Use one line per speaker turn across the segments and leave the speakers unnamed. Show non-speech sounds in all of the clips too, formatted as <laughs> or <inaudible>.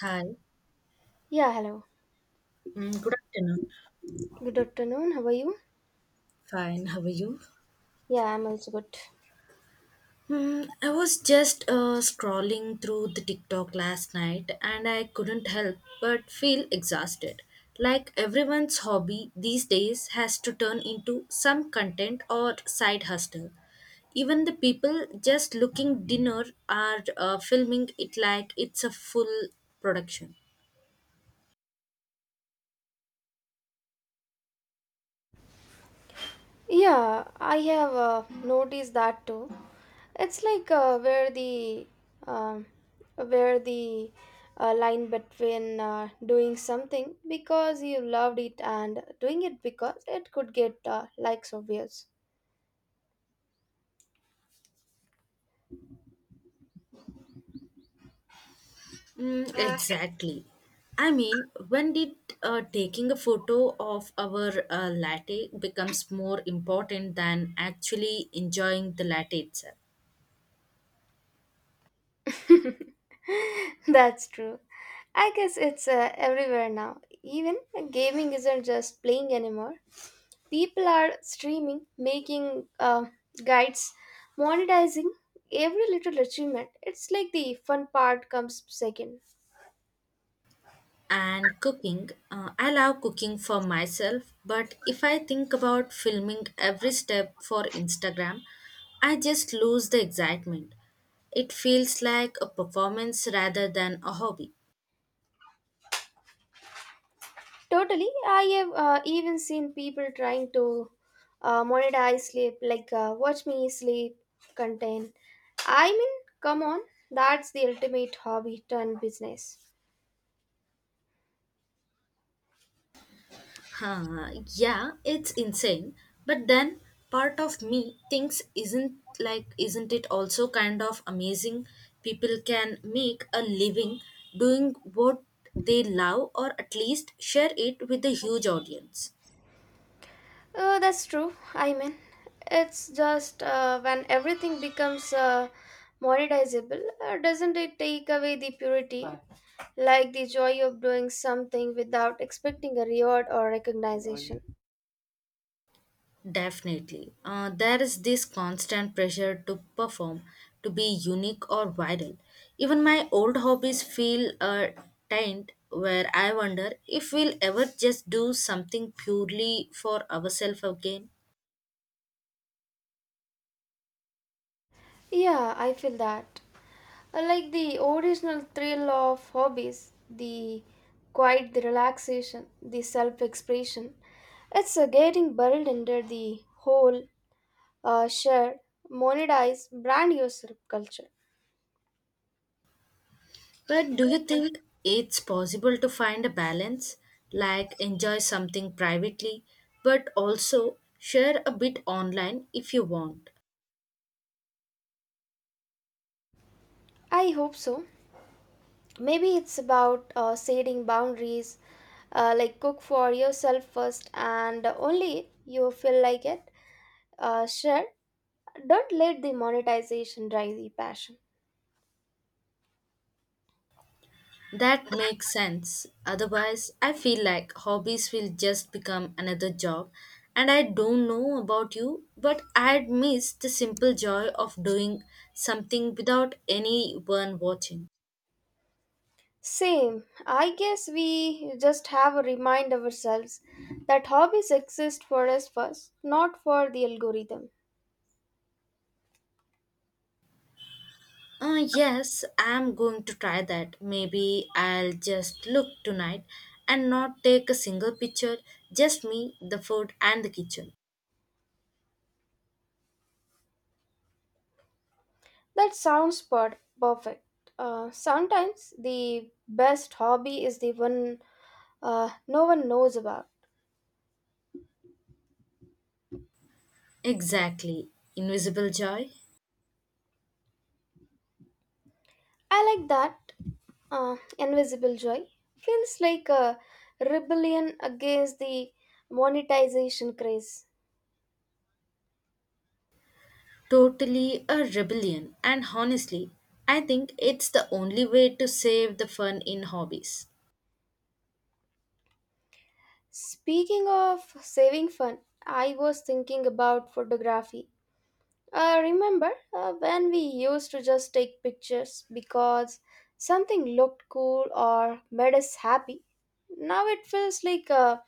Hi.
Yeah, hello. Good afternoon. How are you?
Fine, how are you?
Yeah, I'm also good.
I was just scrolling through the TikTok last night and I couldn't help but feel exhausted. Like everyone's hobby these days has to turn into some content or side hustle. Even the people just looking dinner are filming it like it's a full production.
Yeah, I have noticed that too. It's like um where the line between doing something because you loved it and doing it because it could get likes or views.
Mm, exactly. I mean, when did taking a photo of our latte becomes more important than actually enjoying the latte itself?
<laughs> That's true. I guess it's everywhere now. Even gaming isn't just playing anymore. People are streaming, making guides, monetizing every little achievement. It's like the fun part comes second.
And cooking, I love cooking for myself, but if I think about filming every step for Instagram, I just lose the excitement. It feels like a performance rather than a hobby.
Totally, I have even seen people trying to monetize sleep, like watch me sleep content. I mean, come on, that's the ultimate hobby turned business.
Huh, yeah, it's insane. But then part of me thinks isn't it also kind of amazing people can make a living doing what they love or at least share it with a huge audience.
That's true. I mean, it's just when everything becomes monetizable, doesn't it take away the purity? Like the joy of doing something without expecting a reward or recognition.
Definitely. There is this constant pressure to perform, to be unique or viral. Even my old hobbies feel taint where I wonder if we'll ever just do something purely for ourselves again.
Yeah, I feel that. I like the original thrill of hobbies, the quiet, the relaxation, the self expression. It's getting buried under the whole shared, monetized, brand new culture.
But do you think it's possible to find a balance, like enjoy something privately, but also share a bit online if you want?
I hope so. Maybe it's about setting boundaries, like cook for yourself first and only you feel like it. Sure, don't let the monetization drive the passion.
That makes sense. Otherwise, I feel like hobbies will just become another job. And I don't know about you, but I'd miss the simple joy of doing something without anyone watching.
Same. I guess we just have to remind ourselves that hobbies exist for us first, not for the algorithm.
Yes, I'm going to try that. Maybe I'll just look tonight and not take a single picture, just me, the food, and the kitchen.
That sounds perfect. Sometimes the best hobby is the one no one knows about.
Exactly. Invisible joy.
I like that. Invisible joy feels like a rebellion against the monetization craze.
Totally a rebellion, and honestly, I think it's the only way to save the fun in hobbies.
Speaking of saving fun, I was thinking about photography. Remember when we used to just take pictures because something looked cool or made us happy? Now it feels like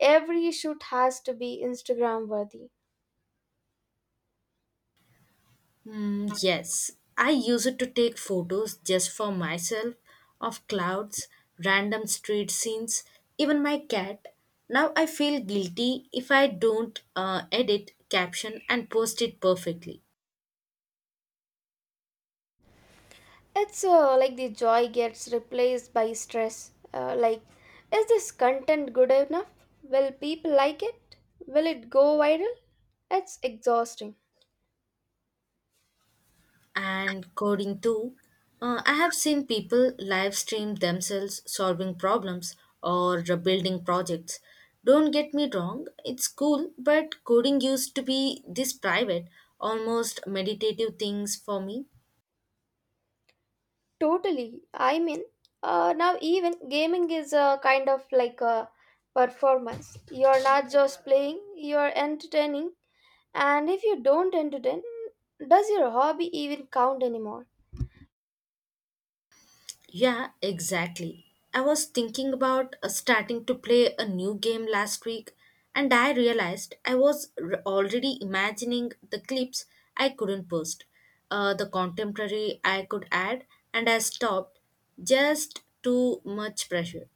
every shoot has to be Instagram worthy.
Yes, I use it to take photos just for myself of clouds, random street scenes, even my cat. Now I feel guilty if I don't edit, caption, and post it perfectly.
It's like the joy gets replaced by stress. Like, is this content good enough? Will people like it? Will it go viral? It's exhausting.
And coding too. I have seen people live stream themselves solving problems or building projects. Don't get me wrong, it's cool, but coding used to be this private, almost meditative things for me.
Totally. I mean, now even gaming is a kind of like a performance. You're not just playing, you're entertaining. And if you don't entertain, does your hobby even count anymore?
Yeah, exactly. I was thinking about starting to play a new game last week, and I realized already imagining the clips I couldn't post, the contemporary I could add, and I stopped. Just too much pressure.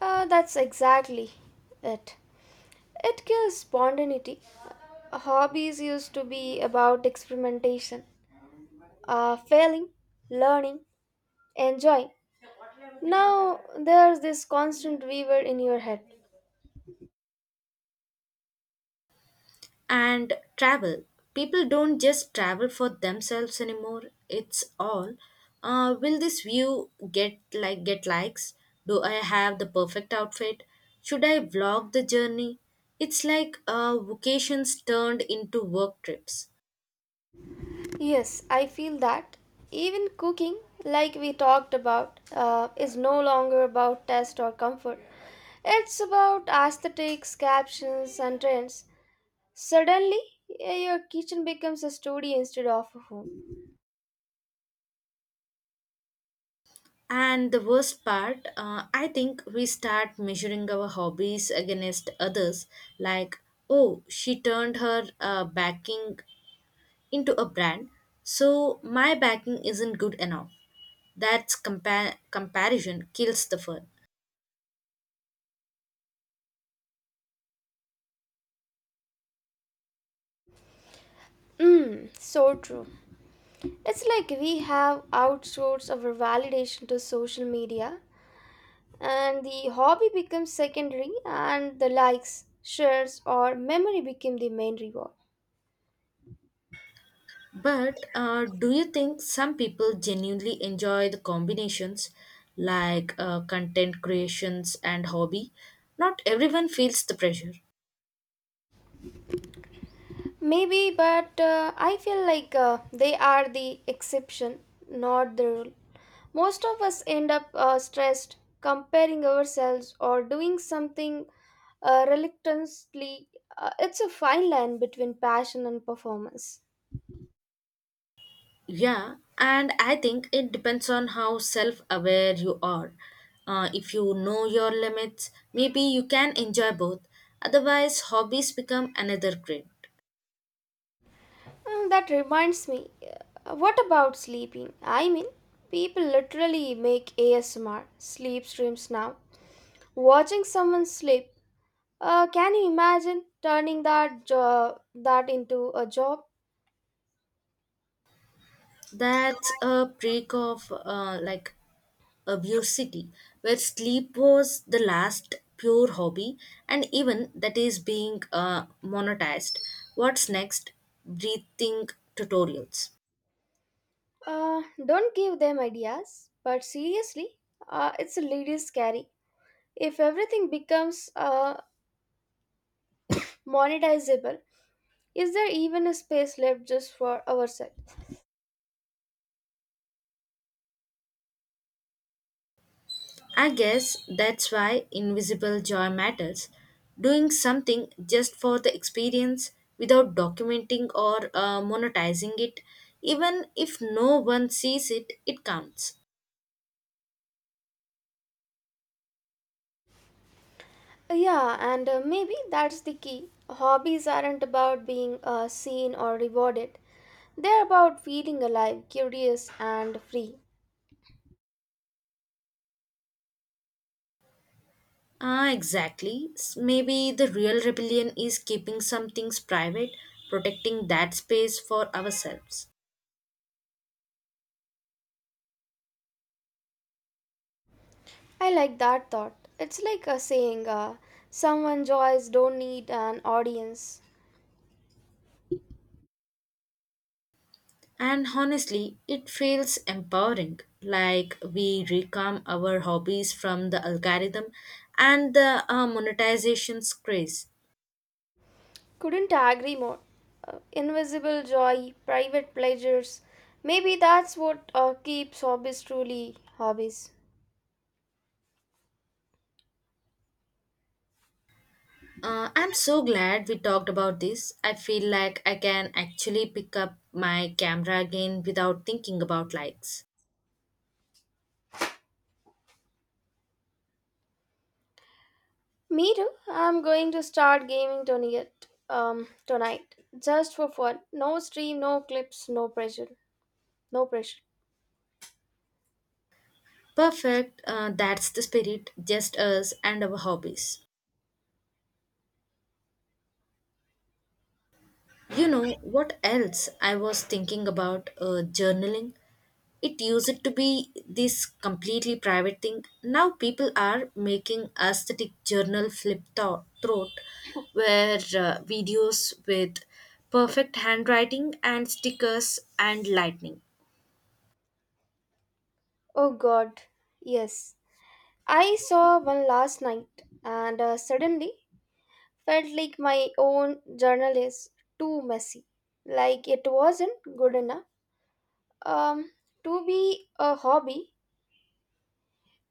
That's exactly it. It kills spontaneity. Hobbies used to be about experimentation, failing, learning, enjoying. Now there's this constant weaver in your head.
And travel. People don't just travel for themselves anymore. It's all. Will this view get likes? Do I have the perfect outfit? Should I vlog the journey? It's like vacations turned into work trips.
Yes, I feel that even cooking, like we talked about, is no longer about taste or comfort. It's about aesthetics, captions, and trends. Suddenly, your kitchen becomes a studio instead of a home.
And the worst part, I think we start measuring our hobbies against others, like, oh, she turned her backing into a brand, so my backing isn't good enough. Comparison kills the fun.
Mm, so true. It's like we have outsourced our validation to social media, and the hobby becomes secondary, and the likes, shares, or memory became the main reward.
But do you think some people genuinely enjoy the combinations like content creations and hobby? Not everyone feels the pressure.
Maybe, but I feel like they are the exception, not the rule. Most of us end up stressed, comparing ourselves, or doing something reluctantly. It's a fine line between passion and performance.
Yeah, and I think it depends on how self aware you are. If you know your limits, maybe you can enjoy both. Otherwise, hobbies become another grind.
Mm, that reminds me, what about sleeping? I mean, people literally make ASMR sleep streams now. Watching someone sleep. Can you imagine turning that job that into a job?
That's a prick of abuse city where sleep was the last pure hobby and even that is being monetized. What's next, breathing tutorials?
Don't give them ideas, but seriously, it's a little scary. If everything becomes monetizable, is there even a space left just for ourselves?
I guess that's why invisible joy matters, doing something just for the experience without documenting or monetizing it. Even if no one sees it, it counts.
Yeah, and maybe that's the key. Hobbies aren't about being seen or rewarded. They're about feeling alive, curious, and free.
Exactly. Maybe the real rebellion is keeping some things private, protecting that space for ourselves.
I like that thought. It's like a saying, someone joys don't need an audience.
And honestly, it feels empowering. Like we reclaim our hobbies from the algorithm and the monetization's craze.
Couldn't agree more. Invisible joy, private pleasures. Maybe that's what keeps hobbies truly hobbies.
I'm so glad we talked about this. I feel like I can actually pick up my camera again without thinking about likes.
Me too. I'm going to start gaming tonight. Tonight, just for fun. No stream, no clips, no pressure. No pressure.
Perfect, that's the spirit, just us and our hobbies. You know what else I was thinking about, journaling? It used to be this completely private thing. Now people are making aesthetic journal flip throat where videos with perfect handwriting and stickers and lightning.
Oh God, yes. I saw one last night, and suddenly felt like my own journal is too messy, like it wasn't good enough um, to be a hobby,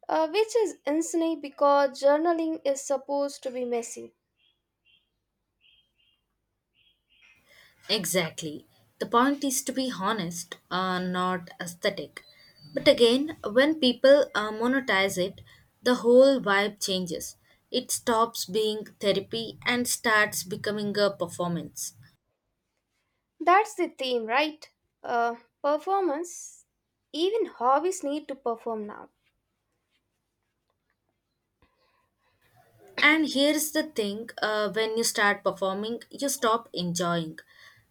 which is insane because journaling is supposed to be messy.
Exactly. The point is to be honest, not aesthetic. But again, when people monetize it, the whole vibe changes. It stops being therapy and starts becoming a performance.
That's the theme, right? Uh, Performance. Even hobbies need to perform now.
And here's the thing, when you start performing, you stop enjoying.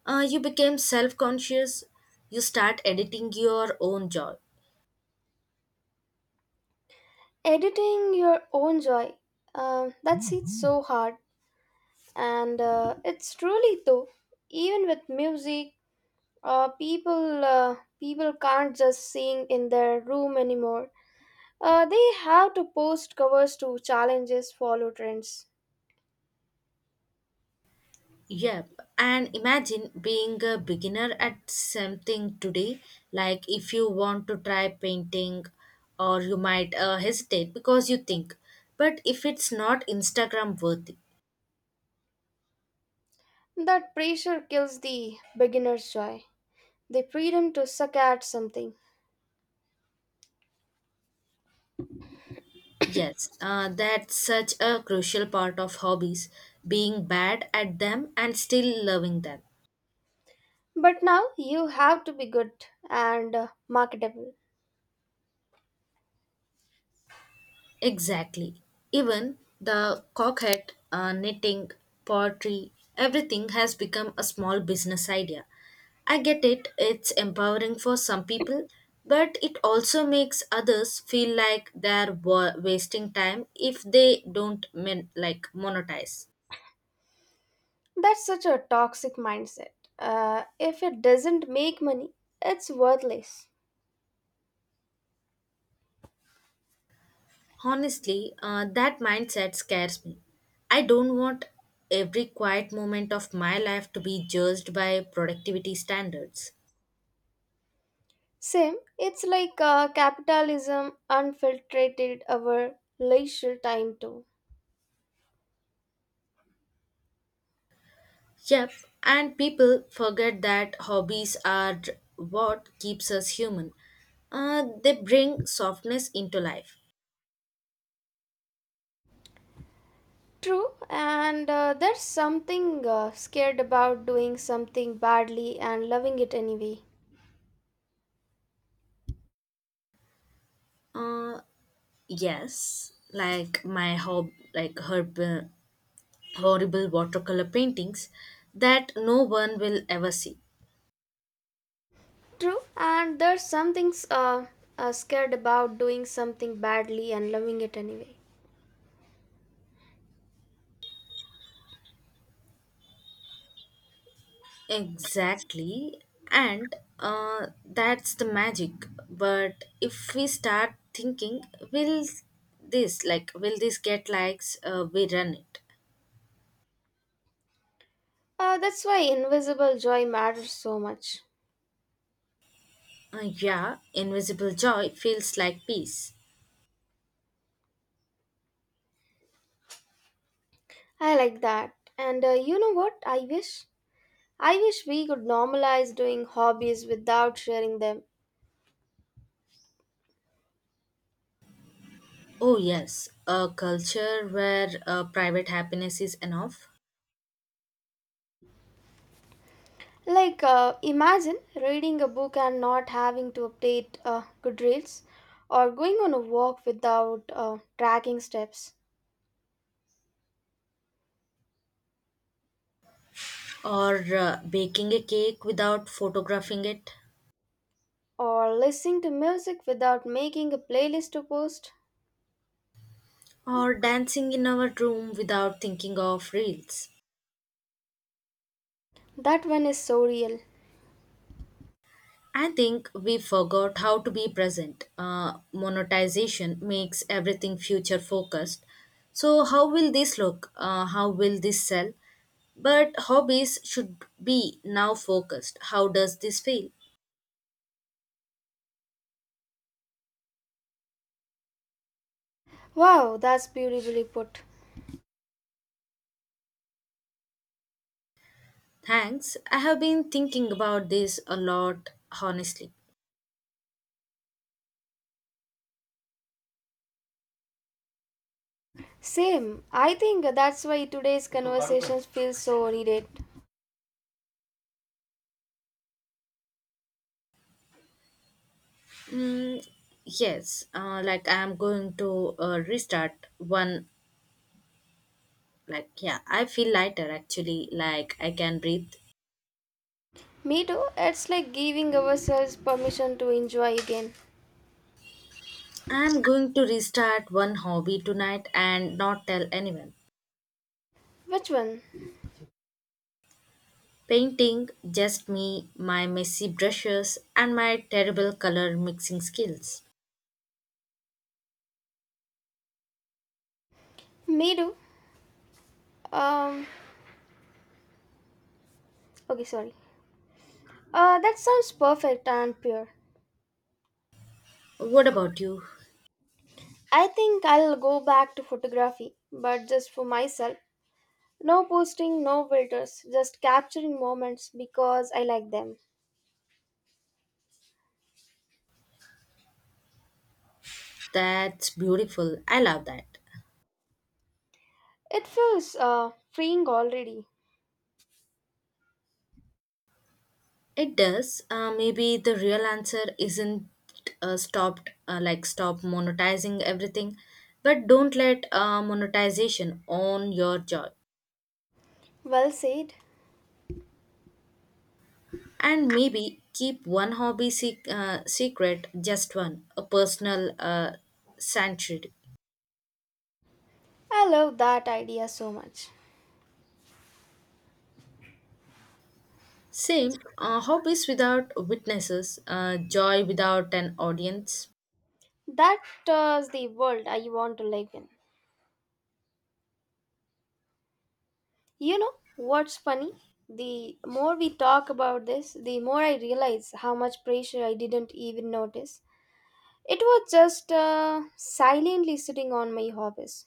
You become self conscious, you start editing your own joy.
Editing your own joy. That's it so hard. And it's truly though, even with music people can't just sing in their room anymore. They have to post covers to challenges, follow trends.
Yep, and imagine being a beginner at something today. Like if you want to try painting, or you might hesitate because you think, but if it's not Instagram worthy.
That pressure kills the beginner's joy, the freedom to suck at something.
Yes, that's such a crucial part of hobbies, being bad at them and still loving them.
But now you have to be good and marketable.
Exactly. Even the coquette, knitting, pottery, everything has become a small business idea. I get it, it's empowering for some people, but it also makes others feel like wasting time if they don't monetize.
That's such a toxic mindset. If it doesn't make money, it's worthless.
Honestly, that mindset scares me. I don't want every quiet moment of my life to be judged by productivity standards.
Same, it's like capitalism unfiltered our leisure time too.
Yep, and people forget that hobbies are what keeps us human. They bring softness into life.
True, and there's something scared about doing something badly and loving it anyway.
Uh, yes, like her horrible watercolor paintings that no one will ever see.
True, and there's something scared about doing something badly and loving it anyway.
Exactly, and that's the magic. But if we start thinking, will will this get likes? We run it.
That's why invisible joy matters so much.
Yeah, invisible joy feels like peace.
I like that. And you know what I wish? I wish we could normalize doing hobbies without sharing them.
Oh, yes, a culture where private happiness is enough,
Like, imagine reading a book and not having to update Goodreads, or going on a walk without tracking steps,
or baking a cake without photographing it,
or listening to music without making a playlist to post.
or dancing in our room without thinking of reels.
That one is so real.
I think we forgot how to be present. Monetization makes everything future focused. So, how will this look? How will this sell? But hobbies should be now focused. How does this feel?
Wow, that's beautifully put.
Thanks. I have been thinking about this a lot, honestly.
Same. I think that's why today's conversations feel so needed.
Mm, yes, like I am going to restart one. Like, yeah, I feel lighter actually, like I can breathe.
Me too. It's like giving ourselves permission to enjoy again.
I'm going to restart one hobby tonight and not tell anyone.
Which one?
Painting, just me, my messy brushes, and my terrible color mixing skills.
Me too. Um. Okay, sorry. That sounds perfect and pure.
What about you?
I think I'll go back to photography, but just for myself. No posting, no filters, just capturing moments because I like them.
That's beautiful. I love that.
It feels freeing already.
It does. Maybe the real answer isn't stop monetizing everything, but don't let monetization own your joy.
Well said.
And maybe keep one hobby secret, just one, a personal sanctuary.
I love that idea so much.
Same, hobbies without witnesses, joy without an audience.
That is the world I want to live in. You know what's funny? The more we talk about this, the more I realize how much pressure I didn't even notice. It was just silently sitting on my hobbies.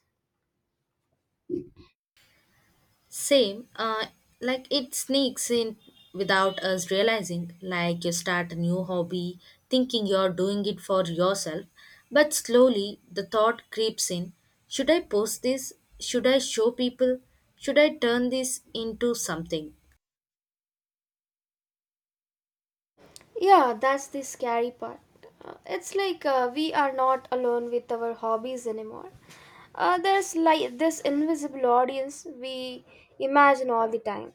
Same, like it sneaks in without us realizing. Like you start a new hobby, thinking you're doing it for yourself, but slowly the thought creeps in, should I post this? Should I show people? Should I turn this into something?
Yeah, that's the scary part. It's like we are not alone with our hobbies anymore. There's like this invisible audience we imagine all the time.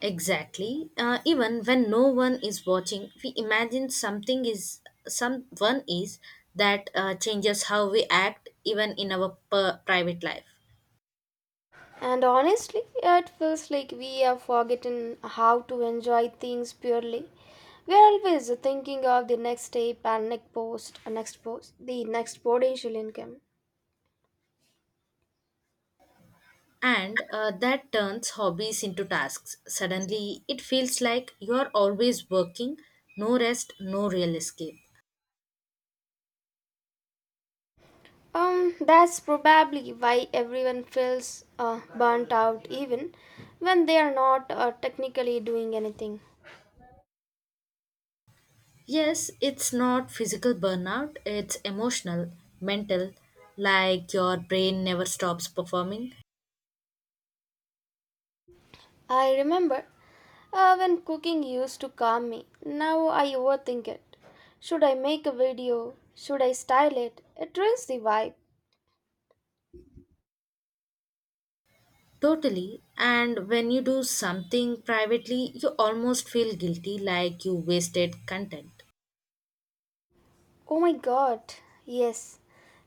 Exactly. Even when no one is watching, we imagine something is someone is, that changes how we act even in our private life.
And honestly, it feels like we have forgotten how to enjoy things purely. We're always thinking of the next step and next post, the next potential income.
And that turns hobbies into tasks. Suddenly, it feels like you're always working, no rest, no real escape.
That's probably why everyone feels burnt out even when they are not technically doing anything.
Yes, it's not physical burnout, it's emotional, mental, like your brain never stops performing.
I remember when cooking used to calm me. Now I overthink it. Should I make a video? Should I style it? It ruins the vibe.
Totally. And when you do something privately, you almost feel guilty like you wasted content.
Oh my god, yes.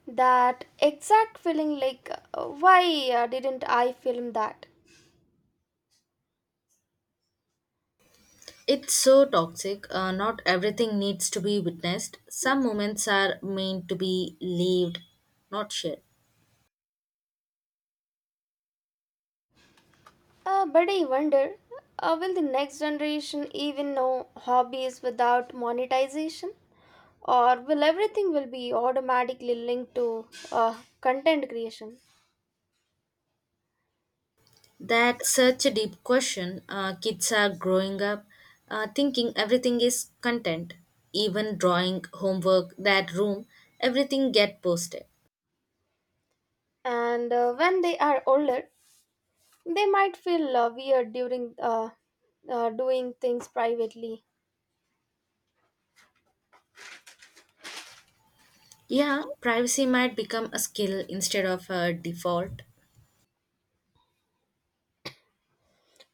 That exact feeling like, why didn't I film that?
It's so toxic. Not everything needs to be witnessed. Some moments are meant to be lived, not shared.
But I wonder, will the next generation even know hobbies without monetization? Or will everything will be automatically linked to content creation?
That's such a deep question. Kids are growing up thinking everything is content, even drawing, homework, that room, everything get posted.
And when they are older, they might feel weird during doing things privately.
Yeah, privacy might become a skill instead of a default.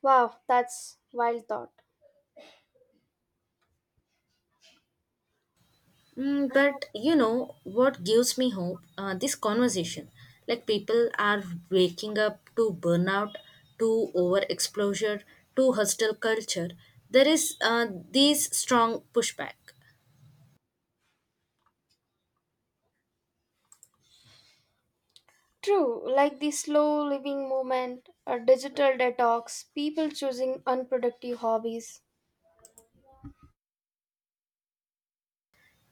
Wow, that's wild thought.
But you know what gives me hope? This conversation. Like people are waking up to burnout, to overexposure, to hostile culture. There is this strong pushback.
True, like the slow living movement, a digital detox, people choosing unproductive hobbies.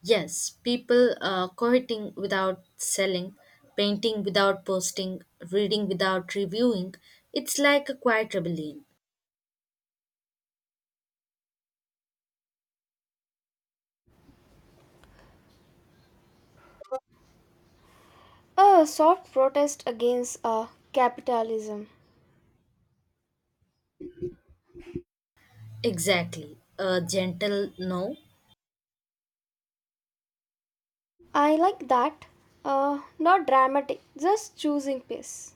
Yes, people quoting without selling, painting without posting, reading without reviewing. It's like a quiet rebellion.
A soft protest against capitalism.
Exactly, a gentle no,
I like that. Not dramatic, just choosing peace.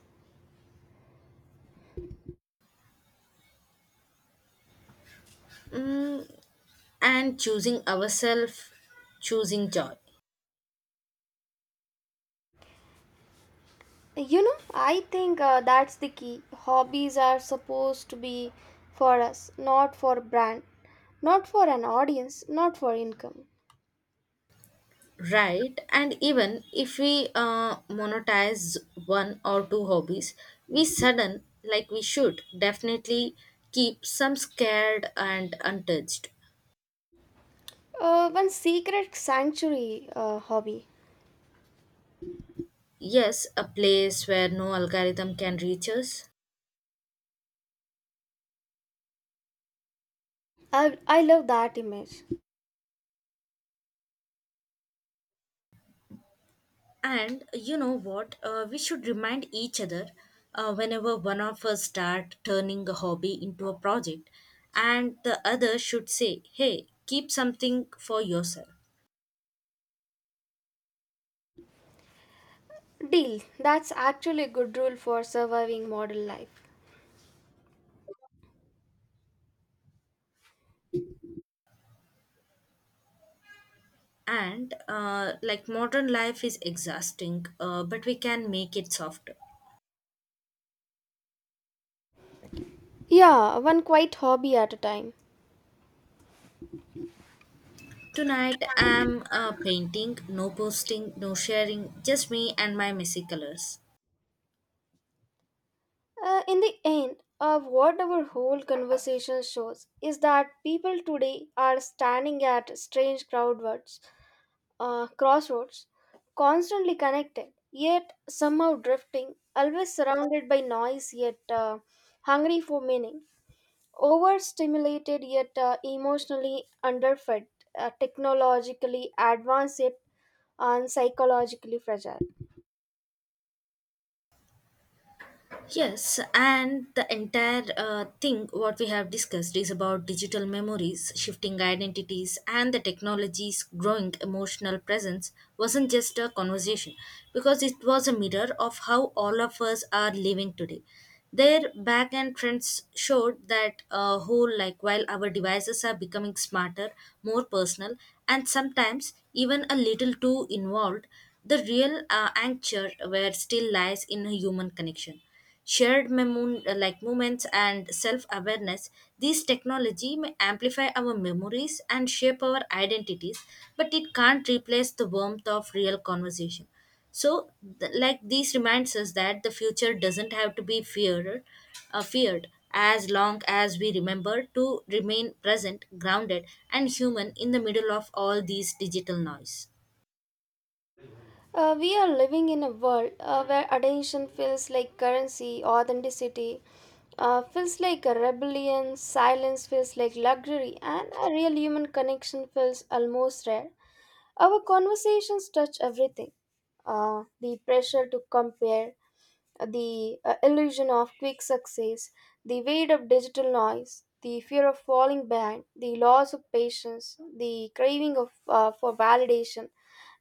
mm, and choosing ourselves, choosing joy.
You know, I think that's the key. Hobbies are supposed to be for us, not for brand, not for an audience, not for income.
Right, and even if we monetize one or two hobbies, we sudden like we should definitely keep some scared and untouched.
One secret sanctuary hobby.
Yes, a place where no algorithm can reach us.
I love that image.
And you know what? We should remind each other whenever one of us start turning a hobby into a project, and the other should say, "Hey, keep something for yourself."
Deal. That's actually a good rule for surviving modern life.
And modern life is exhausting but we can make it softer.
Yeah, one quiet hobby at a time.
Tonight I'm painting, no posting, no sharing, just me and my messy colors.
In the end, of what our whole conversation shows is that people today are standing at strange crossroads, constantly connected, yet somehow drifting, always surrounded by noise, yet hungry for meaning, overstimulated, yet emotionally underfed, technologically advanced, yet and psychologically fragile.
Yes, and the entire thing what we have discussed is about digital memories, shifting identities, and the technology's growing emotional presence wasn't just a conversation because it was a mirror of how all of us are living today. Their back end trends showed that a whole like while our devices are becoming smarter, more personal, and sometimes even a little too involved, the real anchor where still lies in a human connection, shared moments and self-awareness. These technology may amplify our memories and shape our identities, but it can't replace the warmth of real conversation. So these reminds us that the future doesn't have to be feared, as long as we remember to remain present, grounded, and human in the middle of all these digital noise.
We are living in a world where attention feels like currency, authenticity feels like a rebellion, silence feels like luxury, and a real human connection feels almost rare. Our conversations touch everything the pressure to compare, the illusion of quick success, the weight of digital noise, the fear of falling behind, the loss of patience, the craving of, for validation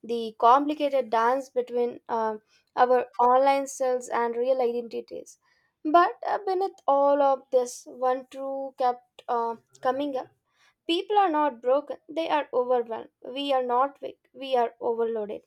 the complicated dance between our online selves and real identities. But beneath all of this, one truth kept coming up. People are not broken, they are overwhelmed. We are not weak, we are overloaded.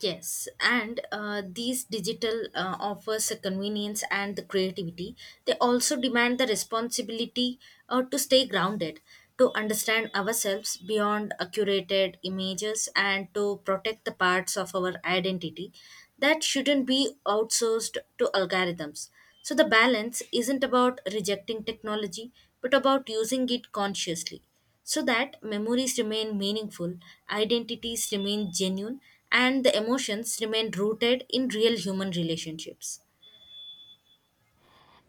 Yes, and these digital offers a convenience and the creativity. They also demand the responsibility to stay grounded, to understand ourselves beyond curated images, and to protect the parts of our identity that shouldn't be outsourced to algorithms. So the balance isn't about rejecting technology, but about using it consciously so that memories remain meaningful, identities remain genuine, and the emotions remain rooted in real human relationships.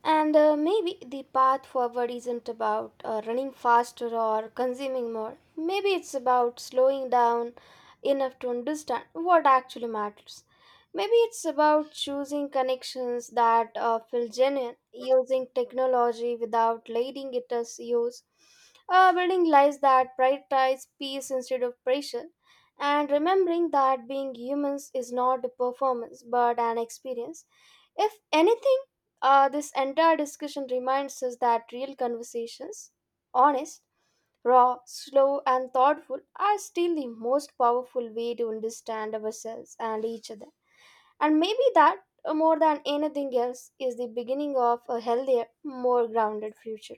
And maybe the path forward isn't about running faster or consuming more. Maybe it's about slowing down enough to understand what actually matters. Maybe it's about choosing connections that feel genuine, using technology without letting it us use, building lives that prioritize peace instead of pressure, and remembering that being humans is not a performance but an experience if anything, this entire discussion reminds us that real conversations, honest, raw, slow, and thoughtful, are still the most powerful way to understand ourselves and each other. And maybe that, more than anything else, is the beginning of a healthier, more grounded future.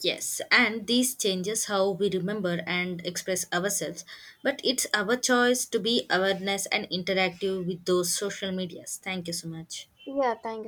Yes, and these changes how we remember and express ourselves, but it's our choice to be awareness and interactive with those social medias. Thank you so much.
Yeah, thank you.